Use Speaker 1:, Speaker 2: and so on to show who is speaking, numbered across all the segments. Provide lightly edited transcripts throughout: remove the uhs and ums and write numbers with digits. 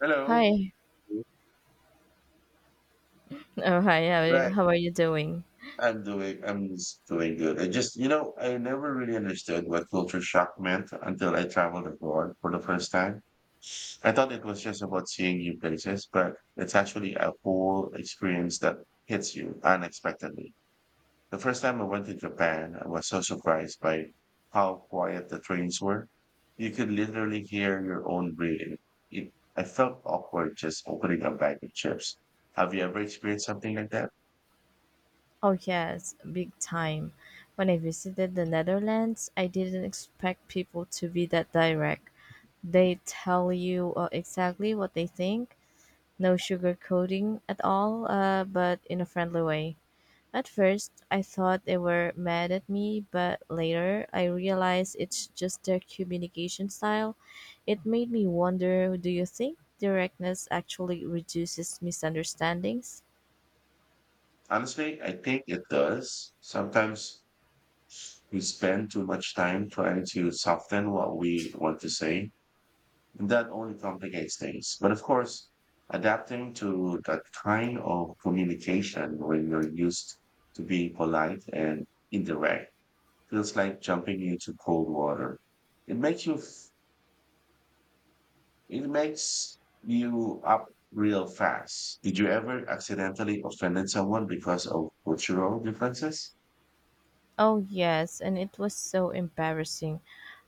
Speaker 1: Hello.
Speaker 2: Hi. Oh, hi.
Speaker 1: Right.
Speaker 2: How are you doing?
Speaker 1: I'm doing, I'm s- doing good. I just, you know, I never really understood what culture shock meant until I traveled abroad for the first time. I thought it was just about seeing new places, but it's actually a whole experience that hits you unexpectedly. The first time I went to Japan, I was so surprised by how quiet the trains were. You could literally hear your own breathing. I felt awkward just opening a bag of chips. Have you ever experienced something like that?
Speaker 2: Oh, yes, big time. When I visited the Netherlands, I didn't expect people to be that direct. They tell you exactly what they think, no sugarcoating at all, but in a friendly way. At first, I thought they were mad at me, but later I realized it's just their communication style. It made me wonder, do you think directness actually reduces misunderstandings?
Speaker 1: Honestly, I think it does. Sometimes we spend too much time trying to soften what we want to say, and that only complicates things. But of course, adapting to that kind of communication when you're used to being polite and indirect feels like jumping into cold water. It makes you, f- it makes you up real fast. Did you ever accidentally offend someone because of cultural differences?
Speaker 2: Oh, yes, and it was so embarrassing.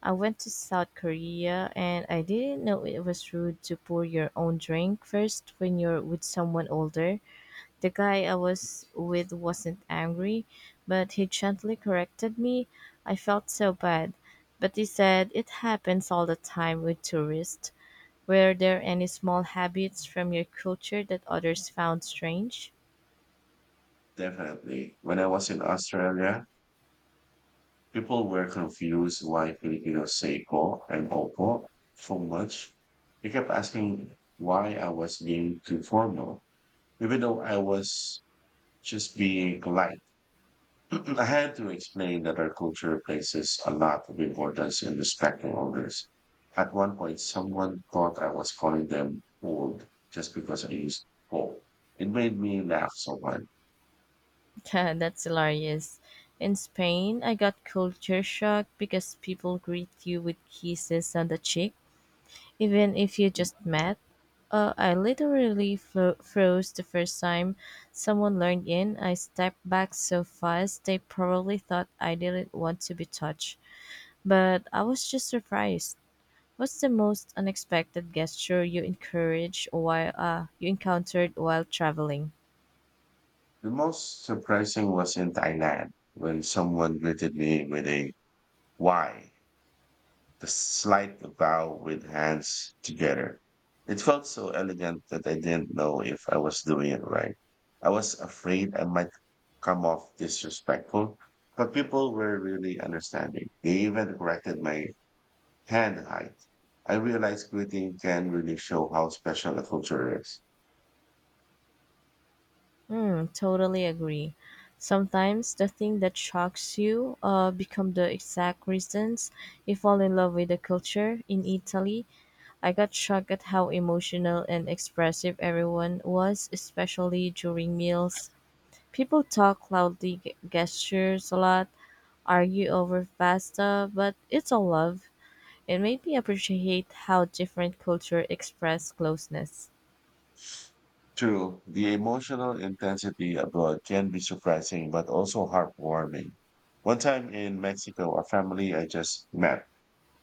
Speaker 2: I went to South Korea and I didn't know it was rude to pour your own drink first when you're with someone older. The guy I was with wasn't angry, but he gently corrected me. I felt so bad. But he said it happens all the time with tourists. Were there any small habits from your culture that others found strange?
Speaker 1: Definitely. When I was in Australia, people were confused why Filipinos say po and opo so much. They kept asking why I was being too formal, even though I was just being polite. I had to explain that our culture places a lot of importance in respecting others. At one point, someone thought I was calling them old just because I used po. It made me laugh so much.
Speaker 2: That's hilarious. In Spain, I got culture shock because people greet you with kisses on the cheek, even if you just met. I literally froze the first time someone learned in. I stepped back so fast they probably thought I didn't want to be touched, but I was just surprised. What's the most unexpected gesture you encourage while you encountered while traveling?
Speaker 1: The most surprising was in Thailand when someone greeted me with a why, the slight bow with hands together. It felt so elegant that I didn't know if I was doing it right. I was afraid I might come off disrespectful, but people were really understanding. They even corrected my hand height. I realized greeting can really show how special a culture is.
Speaker 2: Hmm, totally agree. Sometimes the thing that shocks you become the exact reasons you fall in love with the culture. In Italy, I got shocked at how emotional and expressive everyone was, especially during meals. People talk loudly, gestures a lot, argue over pasta, but it's all love. It made me appreciate how different culture express closeness.
Speaker 1: True, the emotional intensity abroad can be surprising but also heartwarming. One time in Mexico, a family I just met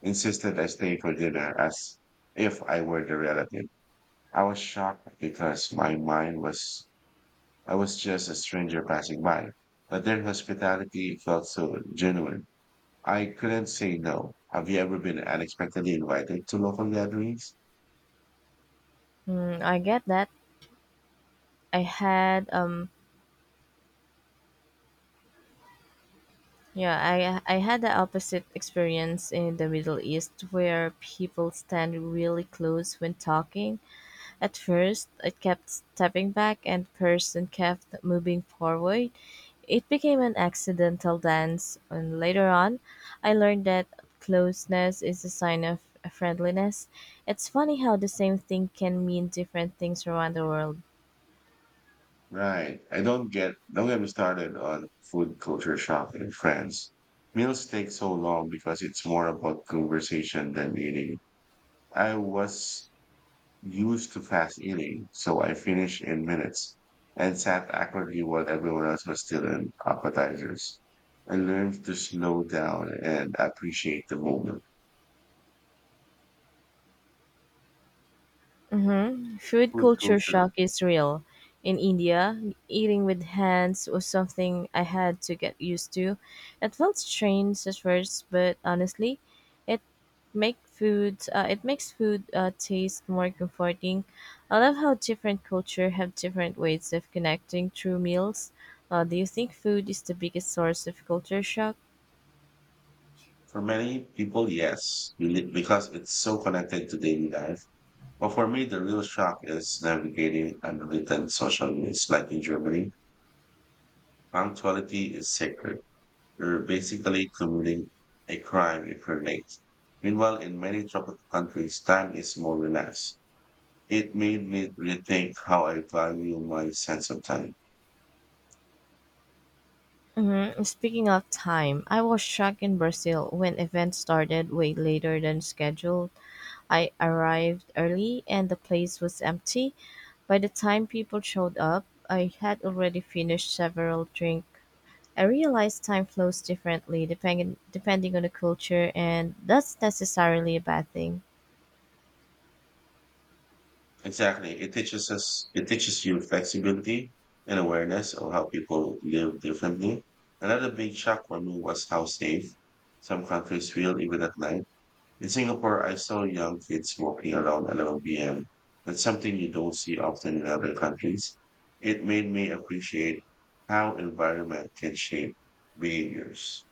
Speaker 1: insisted I stay for dinner as if I were the relative. I was shocked because my mind was, I was just a stranger passing by. But their hospitality felt so genuine. I couldn't say no. Have you ever been unexpectedly invited to local gatherings?
Speaker 2: Mm, I get that. I had um I had the opposite experience in the Middle East where people stand really close when talking. At first, I kept stepping back and person kept moving forward. It became an accidental dance, and later on, I learned that closeness is a sign of friendliness. It's funny how the same thing can mean different things around the world.
Speaker 1: Right. I don't get, Don't get me started on food culture shock in France. Meals take so long because it's more about conversation than eating. I was used to fast eating, so I finished in minutes and sat awkwardly while everyone else was still in appetizers. I learned to slow down and appreciate the moment.
Speaker 2: Hmm. Food
Speaker 1: Food
Speaker 2: culture
Speaker 1: culture.
Speaker 2: shock is real. In India, eating with hands was something I had to get used to. It felt strange at first, but honestly, it it makes food taste more comforting. I love how different culture have different ways of connecting through meals. Do you think food is the biggest source of culture shock?
Speaker 1: For many people, yes, really, because it's so connected to daily life. Well, for me, the real shock is navigating unwritten social rules. Like in Germany, punctuality is sacred. You're basically committing a crime if you're late. Meanwhile, in many tropical countries, time is more relaxed. It made me rethink how I value my sense of time.
Speaker 2: Mm-hmm. Speaking of time, I was shocked in Brazil when events started way later than scheduled. I arrived early and the place was empty. By the time people showed up, I had already finished several drinks. I realized time flows differently depending on the culture and that's necessarily a bad thing.
Speaker 1: Exactly. It teaches you flexibility and awareness of how people live differently. Another big shock for me was how safe some countries feel even at night. In Singapore, I saw young kids walking around 11 p.m. That's something you don't see often in other countries. It made me appreciate how environment can shape behaviors.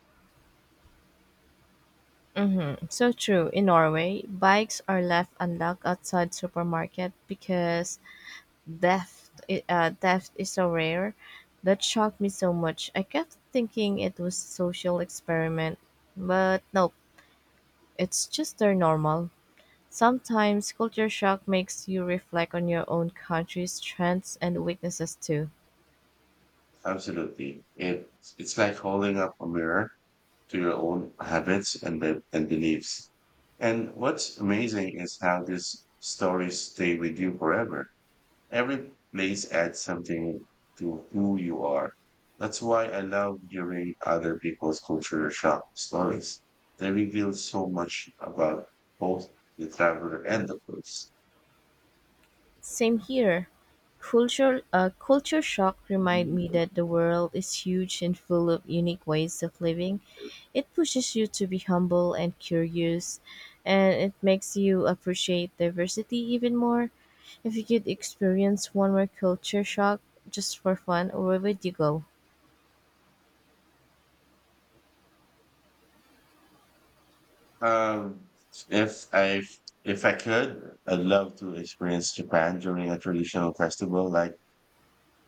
Speaker 2: So true. In Norway, bikes are left unlocked outside supermarket because theft is so rare. That shocked me so much. I kept thinking it was a social experiment, but nope, it's just their normal. Sometimes culture shock makes you reflect on your own country's strengths and weaknesses too.
Speaker 1: Absolutely. It's like holding up a mirror to your own habits and beliefs. And what's amazing is how these stories stay with you forever. Every place adds something to who you are. That's why I love hearing other people's culture shock stories. They reveal so much about both the traveler and the place.
Speaker 2: Same here. Culture shock remind me that the world is huge and full of unique ways of living. It pushes you to be humble and curious, and it makes you appreciate diversity even more. If you could experience one more culture shock just for fun, where would you go?
Speaker 1: Um, if I if I could, I'd love to experience Japan during a traditional festival like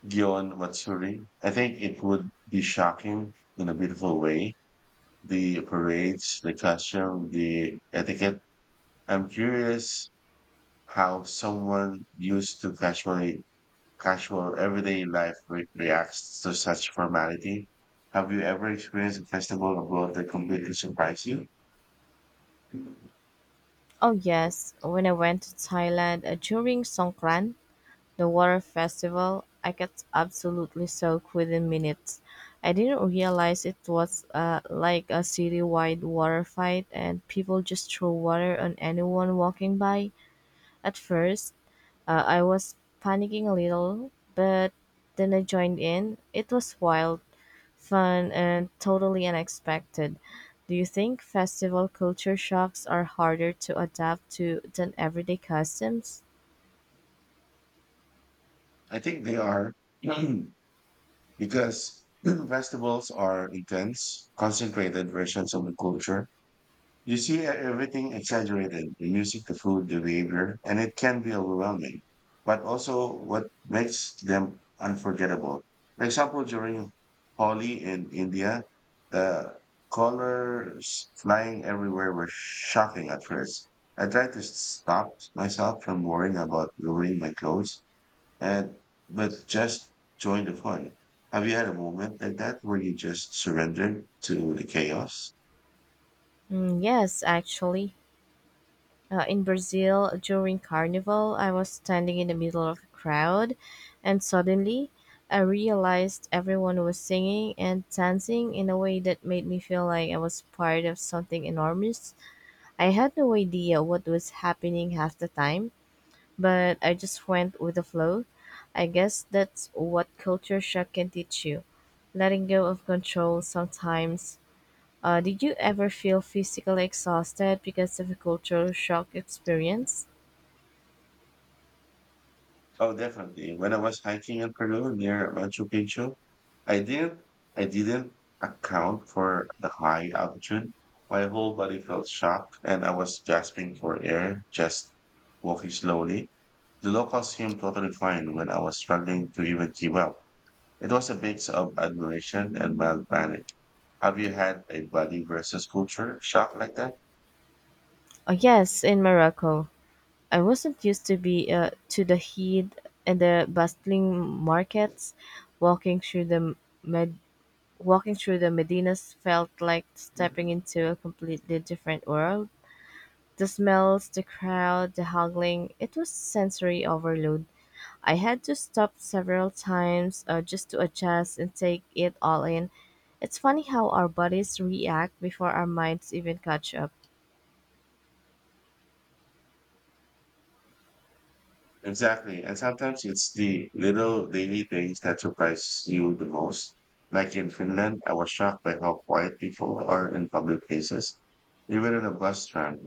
Speaker 1: Gion Matsuri. I think it would be shocking in a beautiful way. The parades, the costume, the etiquette. I'm curious how someone used to casual everyday life reacts to such formality. Have you ever experienced a festival abroad that completely surprised you?
Speaker 2: Oh yes, when I went to Thailand during Songkran, the water festival, I got absolutely soaked within minutes. I didn't realize it was like a city-wide water fight and people just threw water on anyone walking by. At first, I was panicking a little, but then I joined in. It was wild, fun, and totally unexpected. Do you think festival culture shocks are harder to adapt to than everyday customs?
Speaker 1: I think they are because festivals are intense, concentrated versions of the culture. You see everything exaggerated, the music, the food, the behavior, and it can be overwhelming. But also what makes them unforgettable. For example, during Holi in India, the colors flying everywhere were shocking at first. I tried to stop myself from worrying about ruining my clothes and but just join the fun. Have you had a moment like that where you just surrendered to the chaos?
Speaker 2: Mm, yes, actually. In Brazil, during Carnival, I was standing in the middle of a crowd, and suddenly I realized everyone was singing and dancing in a way that made me feel like I was part of something enormous. I had no idea what was happening half the time, but I just went with the flow. I guess that's what culture shock can teach you, letting go of control sometimes. Did you ever feel physically exhausted because of a culture shock experience?
Speaker 1: Oh, definitely. When I was hiking in Peru near Machu Picchu, I didn't I didn't account for the high altitude. My whole body felt shocked and I was gasping for air, just walking slowly. The locals seemed totally fine when I was struggling to even keep up. It was a mix of admiration and mild panic. Have you had a body versus culture shock like that?
Speaker 2: Yes, in Morocco, I wasn't used to be to the heat and the bustling markets. Walking through the med- Walking through the medinas felt like stepping into a completely different world. The smells, the crowd, the haggling, it was sensory overload. I had to stop several times just to adjust and take it all in. It's funny how our bodies react before our minds even catch up.
Speaker 1: Exactly. And sometimes it's the little daily things that surprise you the most. Like in Finland, I was shocked by how quiet people are in public places, even in a bus strand.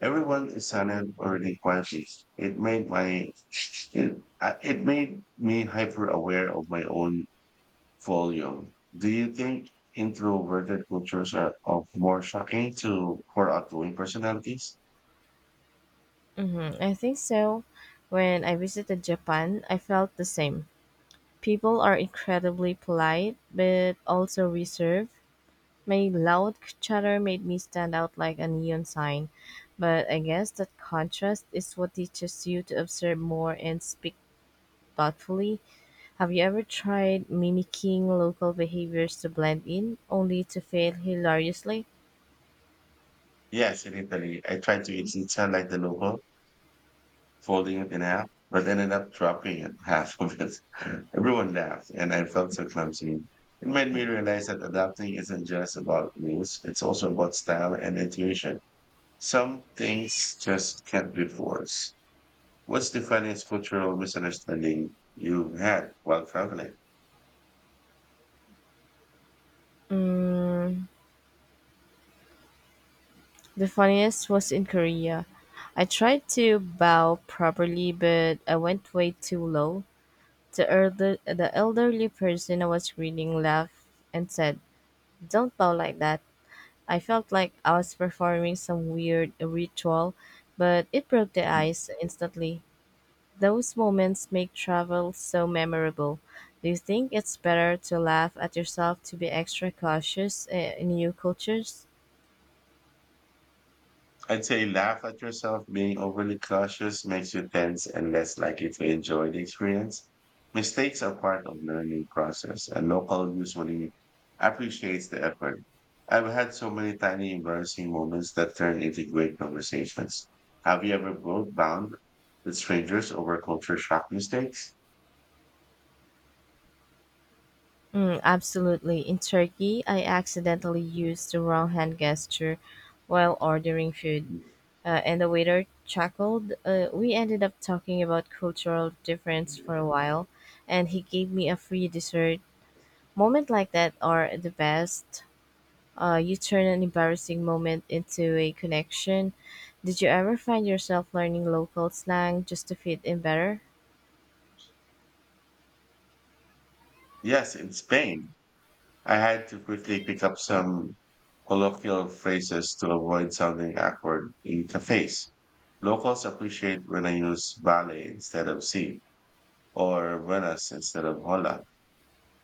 Speaker 1: Everyone is silent or really quietly. It made my it made me hyper aware of my own volume. Do you think introverted cultures are of more shocking to for outgoing personalities?
Speaker 2: Mm-hmm. I think so. When I visited Japan, I felt the same. People are incredibly polite, but also reserved. My loud chatter made me stand out like a neon sign. But I guess that contrast is what teaches you to observe more and speak thoughtfully. Have you ever tried mimicking local behaviors to blend in, only to fail hilariously?
Speaker 1: Yes, in Italy, I tried to eat pizza like the local folding it in half, but ended up dropping it, half of it. Everyone laughed, and I felt so clumsy. It made me realize that adapting isn't just about rules, it's also about style and intuition. Some things just can't be forced. What's the funniest cultural misunderstanding you had while traveling?
Speaker 2: Mm, the funniest was in Korea. I tried to bow properly, but I went way too low. The elderly person I was reading laughed and said, "Don't bow like that." I felt like I was performing some weird ritual, but it broke the ice instantly. Those moments make travel so memorable. Do you think it's better to laugh at yourself to be extra cautious in new cultures?
Speaker 1: I'd say laugh at yourself. Being overly cautious makes you tense and less likely to enjoy the experience. Mistakes are part of learning process, and local usually appreciates the effort. I've had so many tiny embarrassing moments that turn into great conversations. Have you ever broke down with strangers over culture shock mistakes?
Speaker 2: Mm, absolutely. In Turkey, I accidentally used the wrong hand gesture while ordering food, and the waiter chuckled. We ended up talking about cultural difference for a while, and he gave me a free dessert. Moments like that are the best. You turn an embarrassing moment into a connection. Did you ever find yourself learning local slang just to fit in better?
Speaker 1: Yes, in Spain. I had to quickly pick up some colloquial phrases to avoid sounding awkward in cafes. Locals appreciate when I use vale instead of si or buenas instead of hola.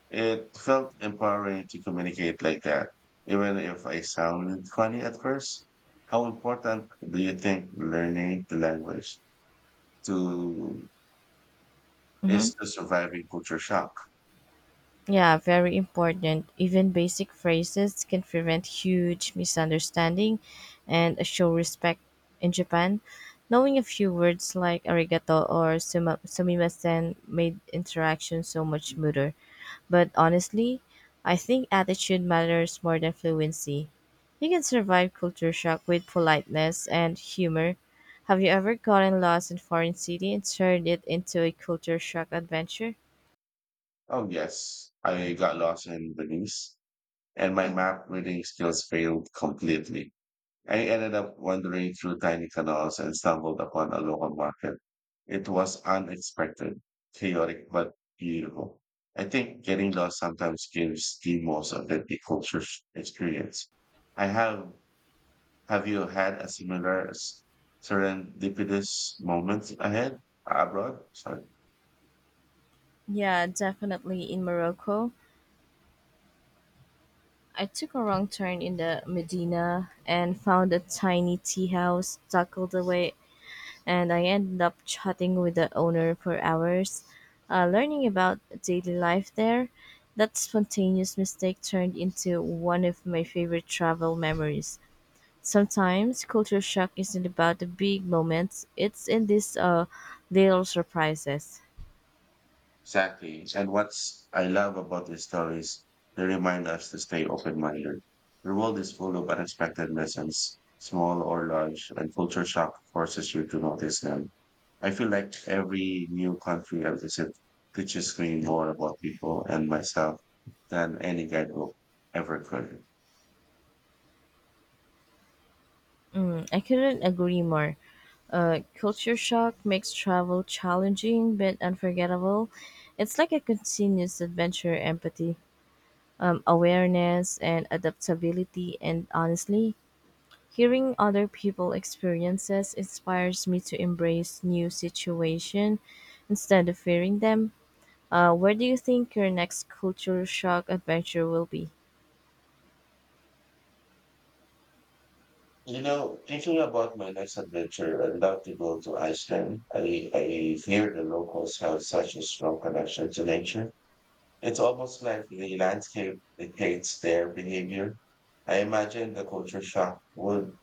Speaker 1: It felt empowering to communicate like that, even if I sounded funny at first. How important do you think learning the language to
Speaker 2: Mhm.
Speaker 1: is to surviving culture shock?
Speaker 2: Yeah, very important. Even basic phrases can prevent huge misunderstanding and show respect in Japan. Knowing a few words like arigato or sumimasen made interaction so much smoother. But honestly, I think attitude matters more than fluency. You can survive culture shock with politeness and humor. Have you ever gotten lost in foreign city and turned it into a culture shock adventure?
Speaker 1: Oh yes, I got lost in Belize and my map reading skills failed completely. I ended up wandering through tiny canals and stumbled upon a local market. It was unexpected, chaotic, but beautiful. I think getting lost sometimes gives the most authentic culture experience. I have, have you had a similar serendipitous moment ahead abroad? Sorry.
Speaker 2: Yeah, definitely in Morocco. I took a wrong turn in the Medina and found a tiny tea house tucked away, and I ended up chatting with the owner for hours, learning about daily life there. That spontaneous mistake turned into one of my favorite travel memories. Sometimes culture shock isn't about the big moments, it's in these little surprises.
Speaker 1: Exactly. And what's I love about these stories, they remind us to stay open-minded. The world is full of unexpected lessons, small or large, and culture shock forces you to notice them. I feel like every new country I visit teaches me more about people and myself than any guidebook ever could.
Speaker 2: Mm, I couldn't agree more. Culture shock makes travel challenging but unforgettable. It's like a continuous adventure, empathy, awareness, and adaptability. And honestly, hearing other people experiences inspires me to embrace new situation instead of fearing them. Where do you think your next culture shock adventure will be?
Speaker 1: You know, thinking about my next adventure, I'd love to go to Iceland. I hear the locals have such a strong connection to nature. It's almost like the landscape dictates their behavior. I imagine the culture shock would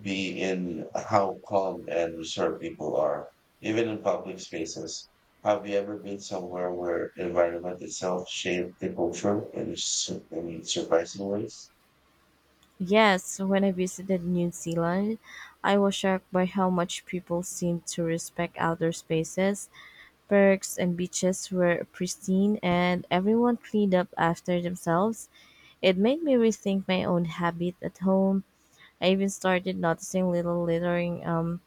Speaker 1: be in how calm and reserved people are, even in public spaces. Have you ever been somewhere where environment itself shaped the culture in surprising ways?
Speaker 2: Yes, when I visited New Zealand, I was shocked by how much people seem to respect outdoor spaces. Parks and beaches were pristine and everyone cleaned up after themselves. It made me rethink my own habit at home. I even started noticing little littering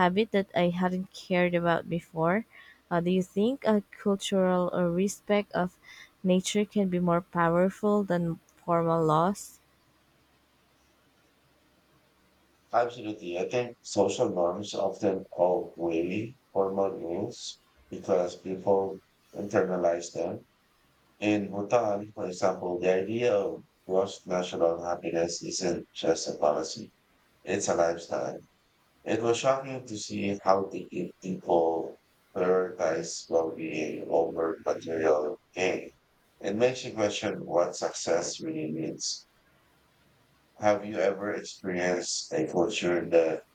Speaker 2: habit that I hadn't cared about before. Do you think a cultural respect of nature can be more powerful than formal laws?
Speaker 1: Absolutely. I think social norms often outweigh formal rules because people internalize them. In Bhutan, for example, the idea of gross national happiness isn't just a policy, it's a lifestyle. It was shocking to see how deeply people prioritize well being over material gain. It makes you question what success really means. Have you ever experienced a culture that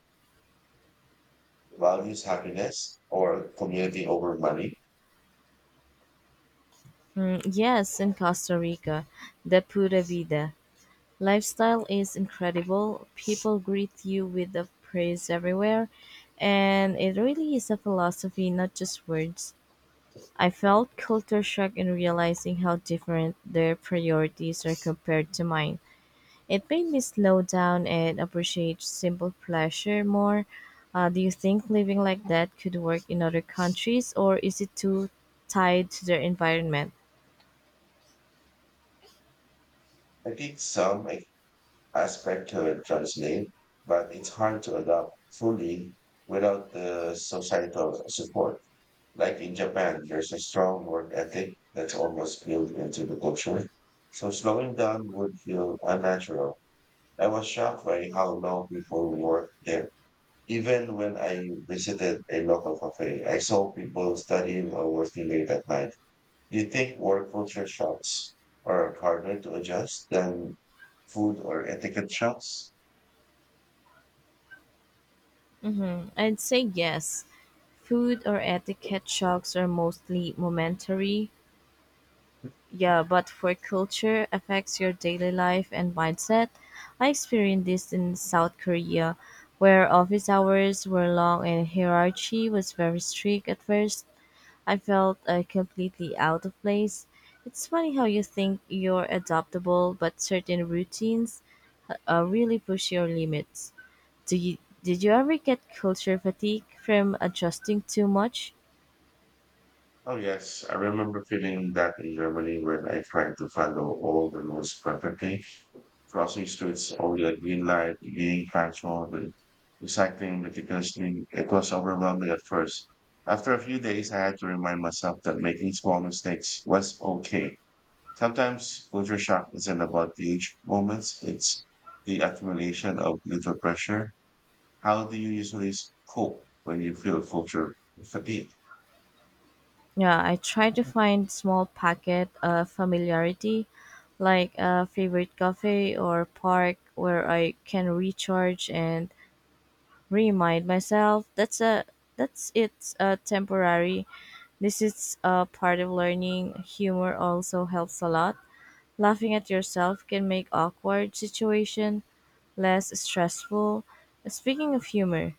Speaker 1: values happiness or community over money?
Speaker 2: Mm, yes, in Costa Rica, the Pura Vida lifestyle is incredible. People greet you with the praise everywhere, and it really is a philosophy, not just words. I felt culture shock in realizing how different their priorities are compared to mine. It made me slow down and appreciate simple pleasure more. Do you think living like that could work in other countries, or is it too tied to their environment?
Speaker 1: I think some like, aspect to it translate, but it's hard to adopt fully without the societal support. Like in Japan, there's a strong work ethic that's almost built into the culture. So slowing down would feel unnatural. I was shocked by how long people work there. Even when I visited a local cafe, I saw people studying or working late at night. Do you think more culture shocks are harder to adjust than food or etiquette shocks?
Speaker 2: I'd say yes. Food or etiquette shocks are mostly momentary, yeah, but for culture affects your daily life and mindset. I experienced this in South Korea, where office hours were long and hierarchy was very strict at first. I felt completely out of place. It's funny how you think you're adaptable, but certain routines really push your limits. Do you, did you ever get culture fatigue from adjusting too much?
Speaker 1: Oh, yes. I remember feeling that in Germany when I tried to follow all the rules perfectly. Crossing streets over the green light, being punctual, but recycling meticulously. It was overwhelming at first. After a few days, I had to remind myself that making small mistakes was okay. Sometimes culture shock isn't about huge moments. It's the accumulation of little pressure. How do you usually cope when you feel culture fatigue?
Speaker 2: Yeah, I try to find small packet of familiarity, like a favorite cafe or park where I can recharge and remind myself that's a that's it's a temporary. This is a part of learning. Humor also helps a lot. Laughing at yourself can make awkward situation less stressful. Speaking of humor,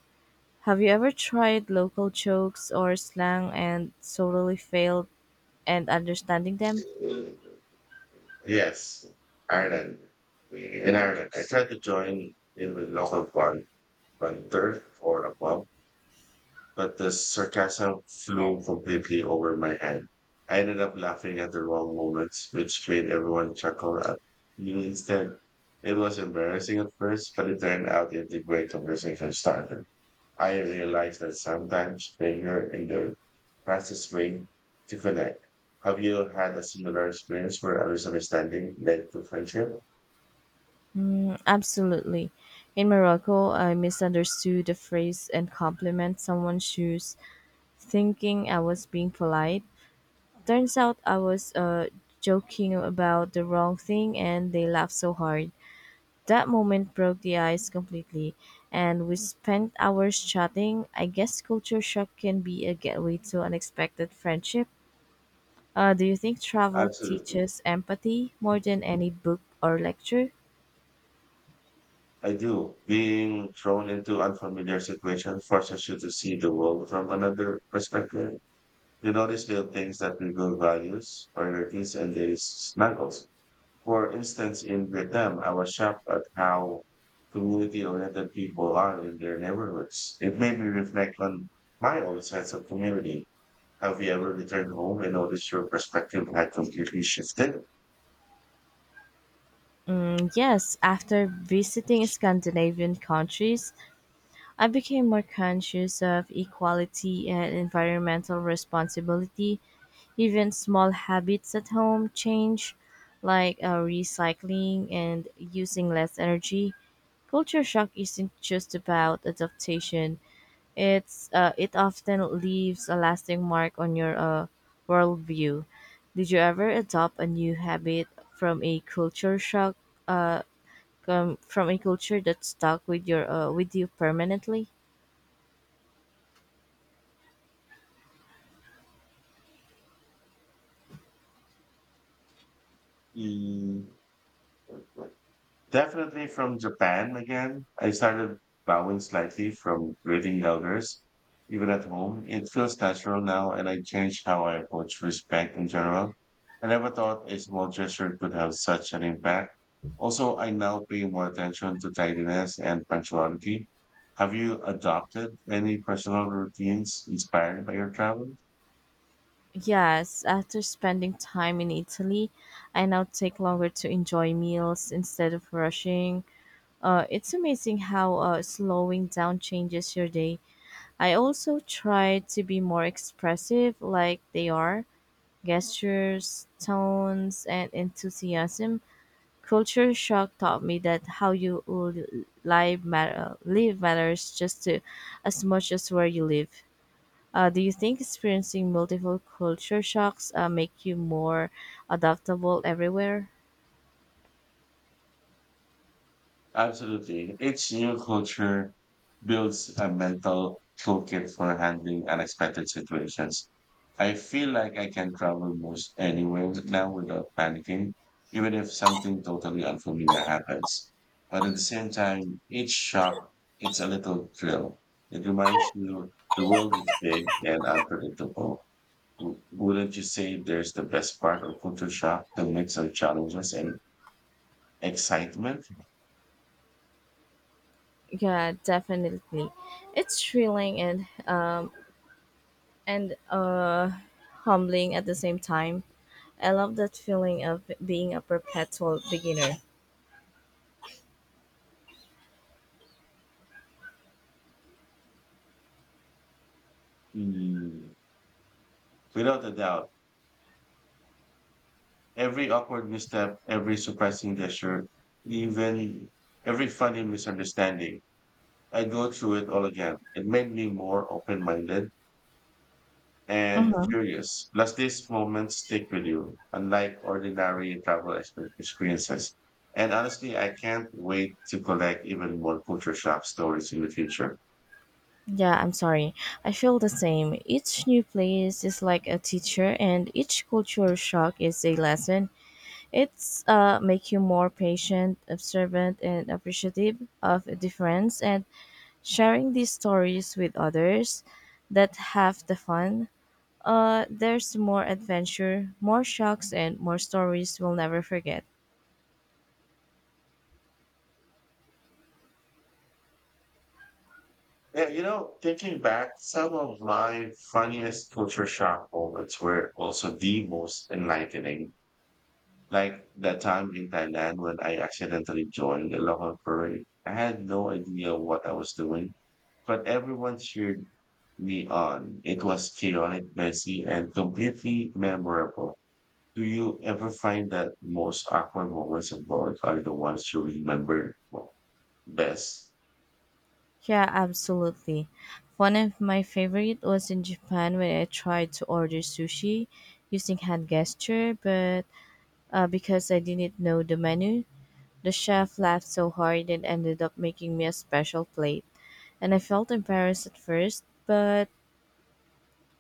Speaker 2: have you ever tried local jokes or slang and totally failed and understanding them?
Speaker 1: Yes, Ireland. In Ireland, I tried to join in with local band, band third or a pub, but the sarcasm flew completely over my head. I ended up laughing at the wrong moments, which made everyone chuckle at me instead. It was embarrassing at first, but it turned out into a great conversation starter. I realize that sometimes failure in the fastest way to connect. Have you had a similar experience where a misunderstanding led to friendship?
Speaker 2: Mm, absolutely. In Morocco, I misunderstood the phrase and compliment someone's shoes, thinking I was being polite. Turns out I was joking about the wrong thing, and they laughed so hard. That moment broke the ice completely, and we spent hours chatting. I guess culture shock can be a gateway to unexpected friendship. Do you think travel
Speaker 1: Absolutely.
Speaker 2: teaches empathy more than any book or lecture?
Speaker 1: I do. Being thrown into unfamiliar situations forces you to see the world from another perspective. You notice little things that reveal values, priorities, and their snuggles. For instance, in Vietnam, I was shocked at how community-oriented people are in their neighborhoods. It made me reflect on my own sense of community. Have you ever returned home and noticed your perspective had completely shifted?
Speaker 2: Mm, yes, after visiting Scandinavian countries, I became more conscious of equality and environmental responsibility. Even small habits at home change, like recycling and using less energy. Culture shock isn't just about adaptation. It often leaves a lasting mark on your worldview. Did you ever adopt a new habit from a culture shock? Uh, Come from a culture that stuck with your with you permanently?
Speaker 1: Mm. Definitely from Japan again. I started bowing slightly from greeting elders, even at home. It feels natural now, and I changed how I approach respect in general. I never thought a small gesture could have such an impact. Also, I now pay more attention to tidiness and punctuality. Have you adopted any personal routines inspired by your travel?
Speaker 2: Yes, after spending time in Italy, I now take longer to enjoy meals instead of rushing. It's amazing how slowing down changes your day. I also try to be more expressive, like they are gestures, tones, and enthusiasm. Culture shock taught me that how you l- live, matter, live matters just as much as where you live. Do you think experiencing multiple culture shocks make you more adaptable everywhere?
Speaker 1: Absolutely. Each new culture builds a mental toolkit for handling unexpected situations. I feel like I can travel most anywhere now without panicking, even if something totally unfamiliar happens. But at the same time, each shock, it's a little thrill. It reminds you the world is big and unpredictable. Wouldn't you say there's the best part of culture shock, the mix of challenges and excitement?
Speaker 2: Yeah, definitely. It's thrilling and and uh, humbling at the same time. I love that feeling of being a perpetual beginner.
Speaker 1: Mm. Without a doubt, every awkward misstep, every surprising gesture, even every funny misunderstanding, I go through it all again. It made me more open-minded and
Speaker 2: Mm-hmm.
Speaker 1: curious. Plus, these moments stick with you, unlike ordinary travel experiences. And honestly, I can't wait to collect even more culture shock stories in the future.
Speaker 2: Yeah, I'm sorry. I feel the same. Each new place is like a teacher, and each cultural shock is a lesson. It's make you more patient, observant, and appreciative of difference. And sharing these stories with others that have the fun. There's more adventure, more shocks, and more stories we'll never forget.
Speaker 1: Yeah, you know, thinking back, some of my funniest culture shock moments were also the most enlightening. Like that time in Thailand when I accidentally joined the local parade. I had no idea what I was doing, but everyone cheered me on. It was chaotic, messy, and completely memorable. Do you ever find that most awkward moments of both are the ones you remember well, best?
Speaker 2: Yeah, absolutely. One of my favorite was in Japan when I tried to order sushi using hand gesture, but because I didn't know the menu, the chef laughed so hard and ended up making me a special plate. And I felt embarrassed at first, but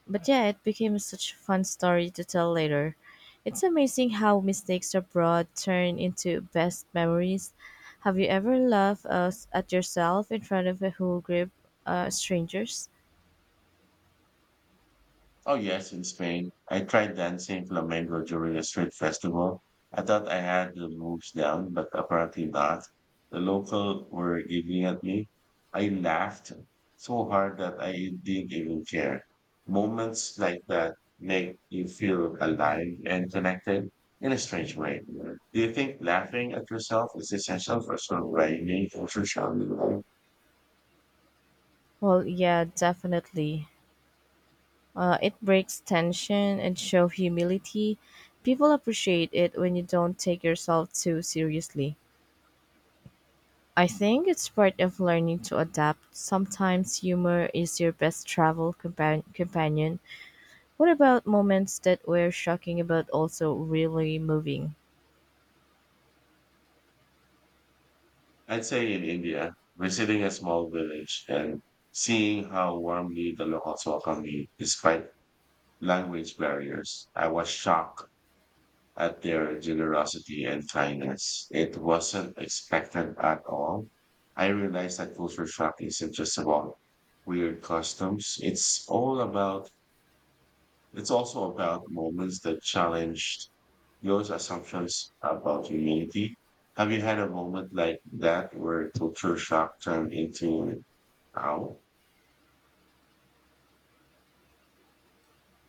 Speaker 2: but yeah, it became such a fun story to tell later. It's amazing how mistakes abroad turn into best memories. Have you ever laughed at yourself in front of a whole group strangers?
Speaker 1: Oh yes, in Spain. I tried dancing flamenco during a street festival. I thought I had the moves down, but apparently not. The local were giving at me. I laughed so hard that I didn't even care. Moments like that make you feel alive and connected in a strange way. Do you think laughing at yourself is essential for songwriting or social media?
Speaker 2: Well, yeah, definitely. It breaks tension and show humility. People appreciate it when you don't take yourself too seriously. I think it's part of learning to adapt. Sometimes humor is your best travel companion. What about moments that were shocking but also really moving?
Speaker 1: I'd say in India, visiting a small village and seeing how warmly the locals welcome me despite language barriers, I was shocked at their generosity and kindness. It wasn't expected at all. I realized that culture shock isn't just about weird customs. It's also about moments that challenged your assumptions about humanity. Have you had a moment like that where culture shock turned into how?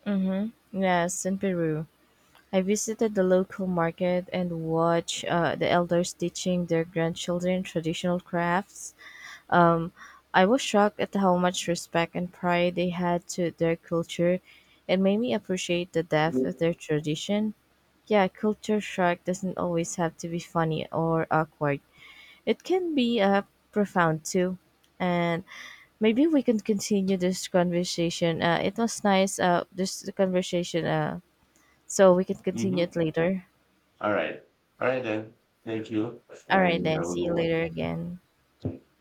Speaker 2: Mm-hmm. Yes, in Peru. I visited the local market and watched the elders teaching their grandchildren traditional crafts. Um, I was shocked at how much respect and pride they had to their culture. It made me appreciate the depth of their tradition. Yeah, culture shock doesn't always have to be funny or awkward. It can be profound too. And maybe we can continue this conversation. It was nice, this conversation, so we can continue
Speaker 1: Mm-hmm.
Speaker 2: it later.
Speaker 1: All right. All right then. Thank you.
Speaker 2: All right,
Speaker 1: And you
Speaker 2: then.
Speaker 1: have a
Speaker 2: See you
Speaker 1: good
Speaker 2: later again.
Speaker 1: one.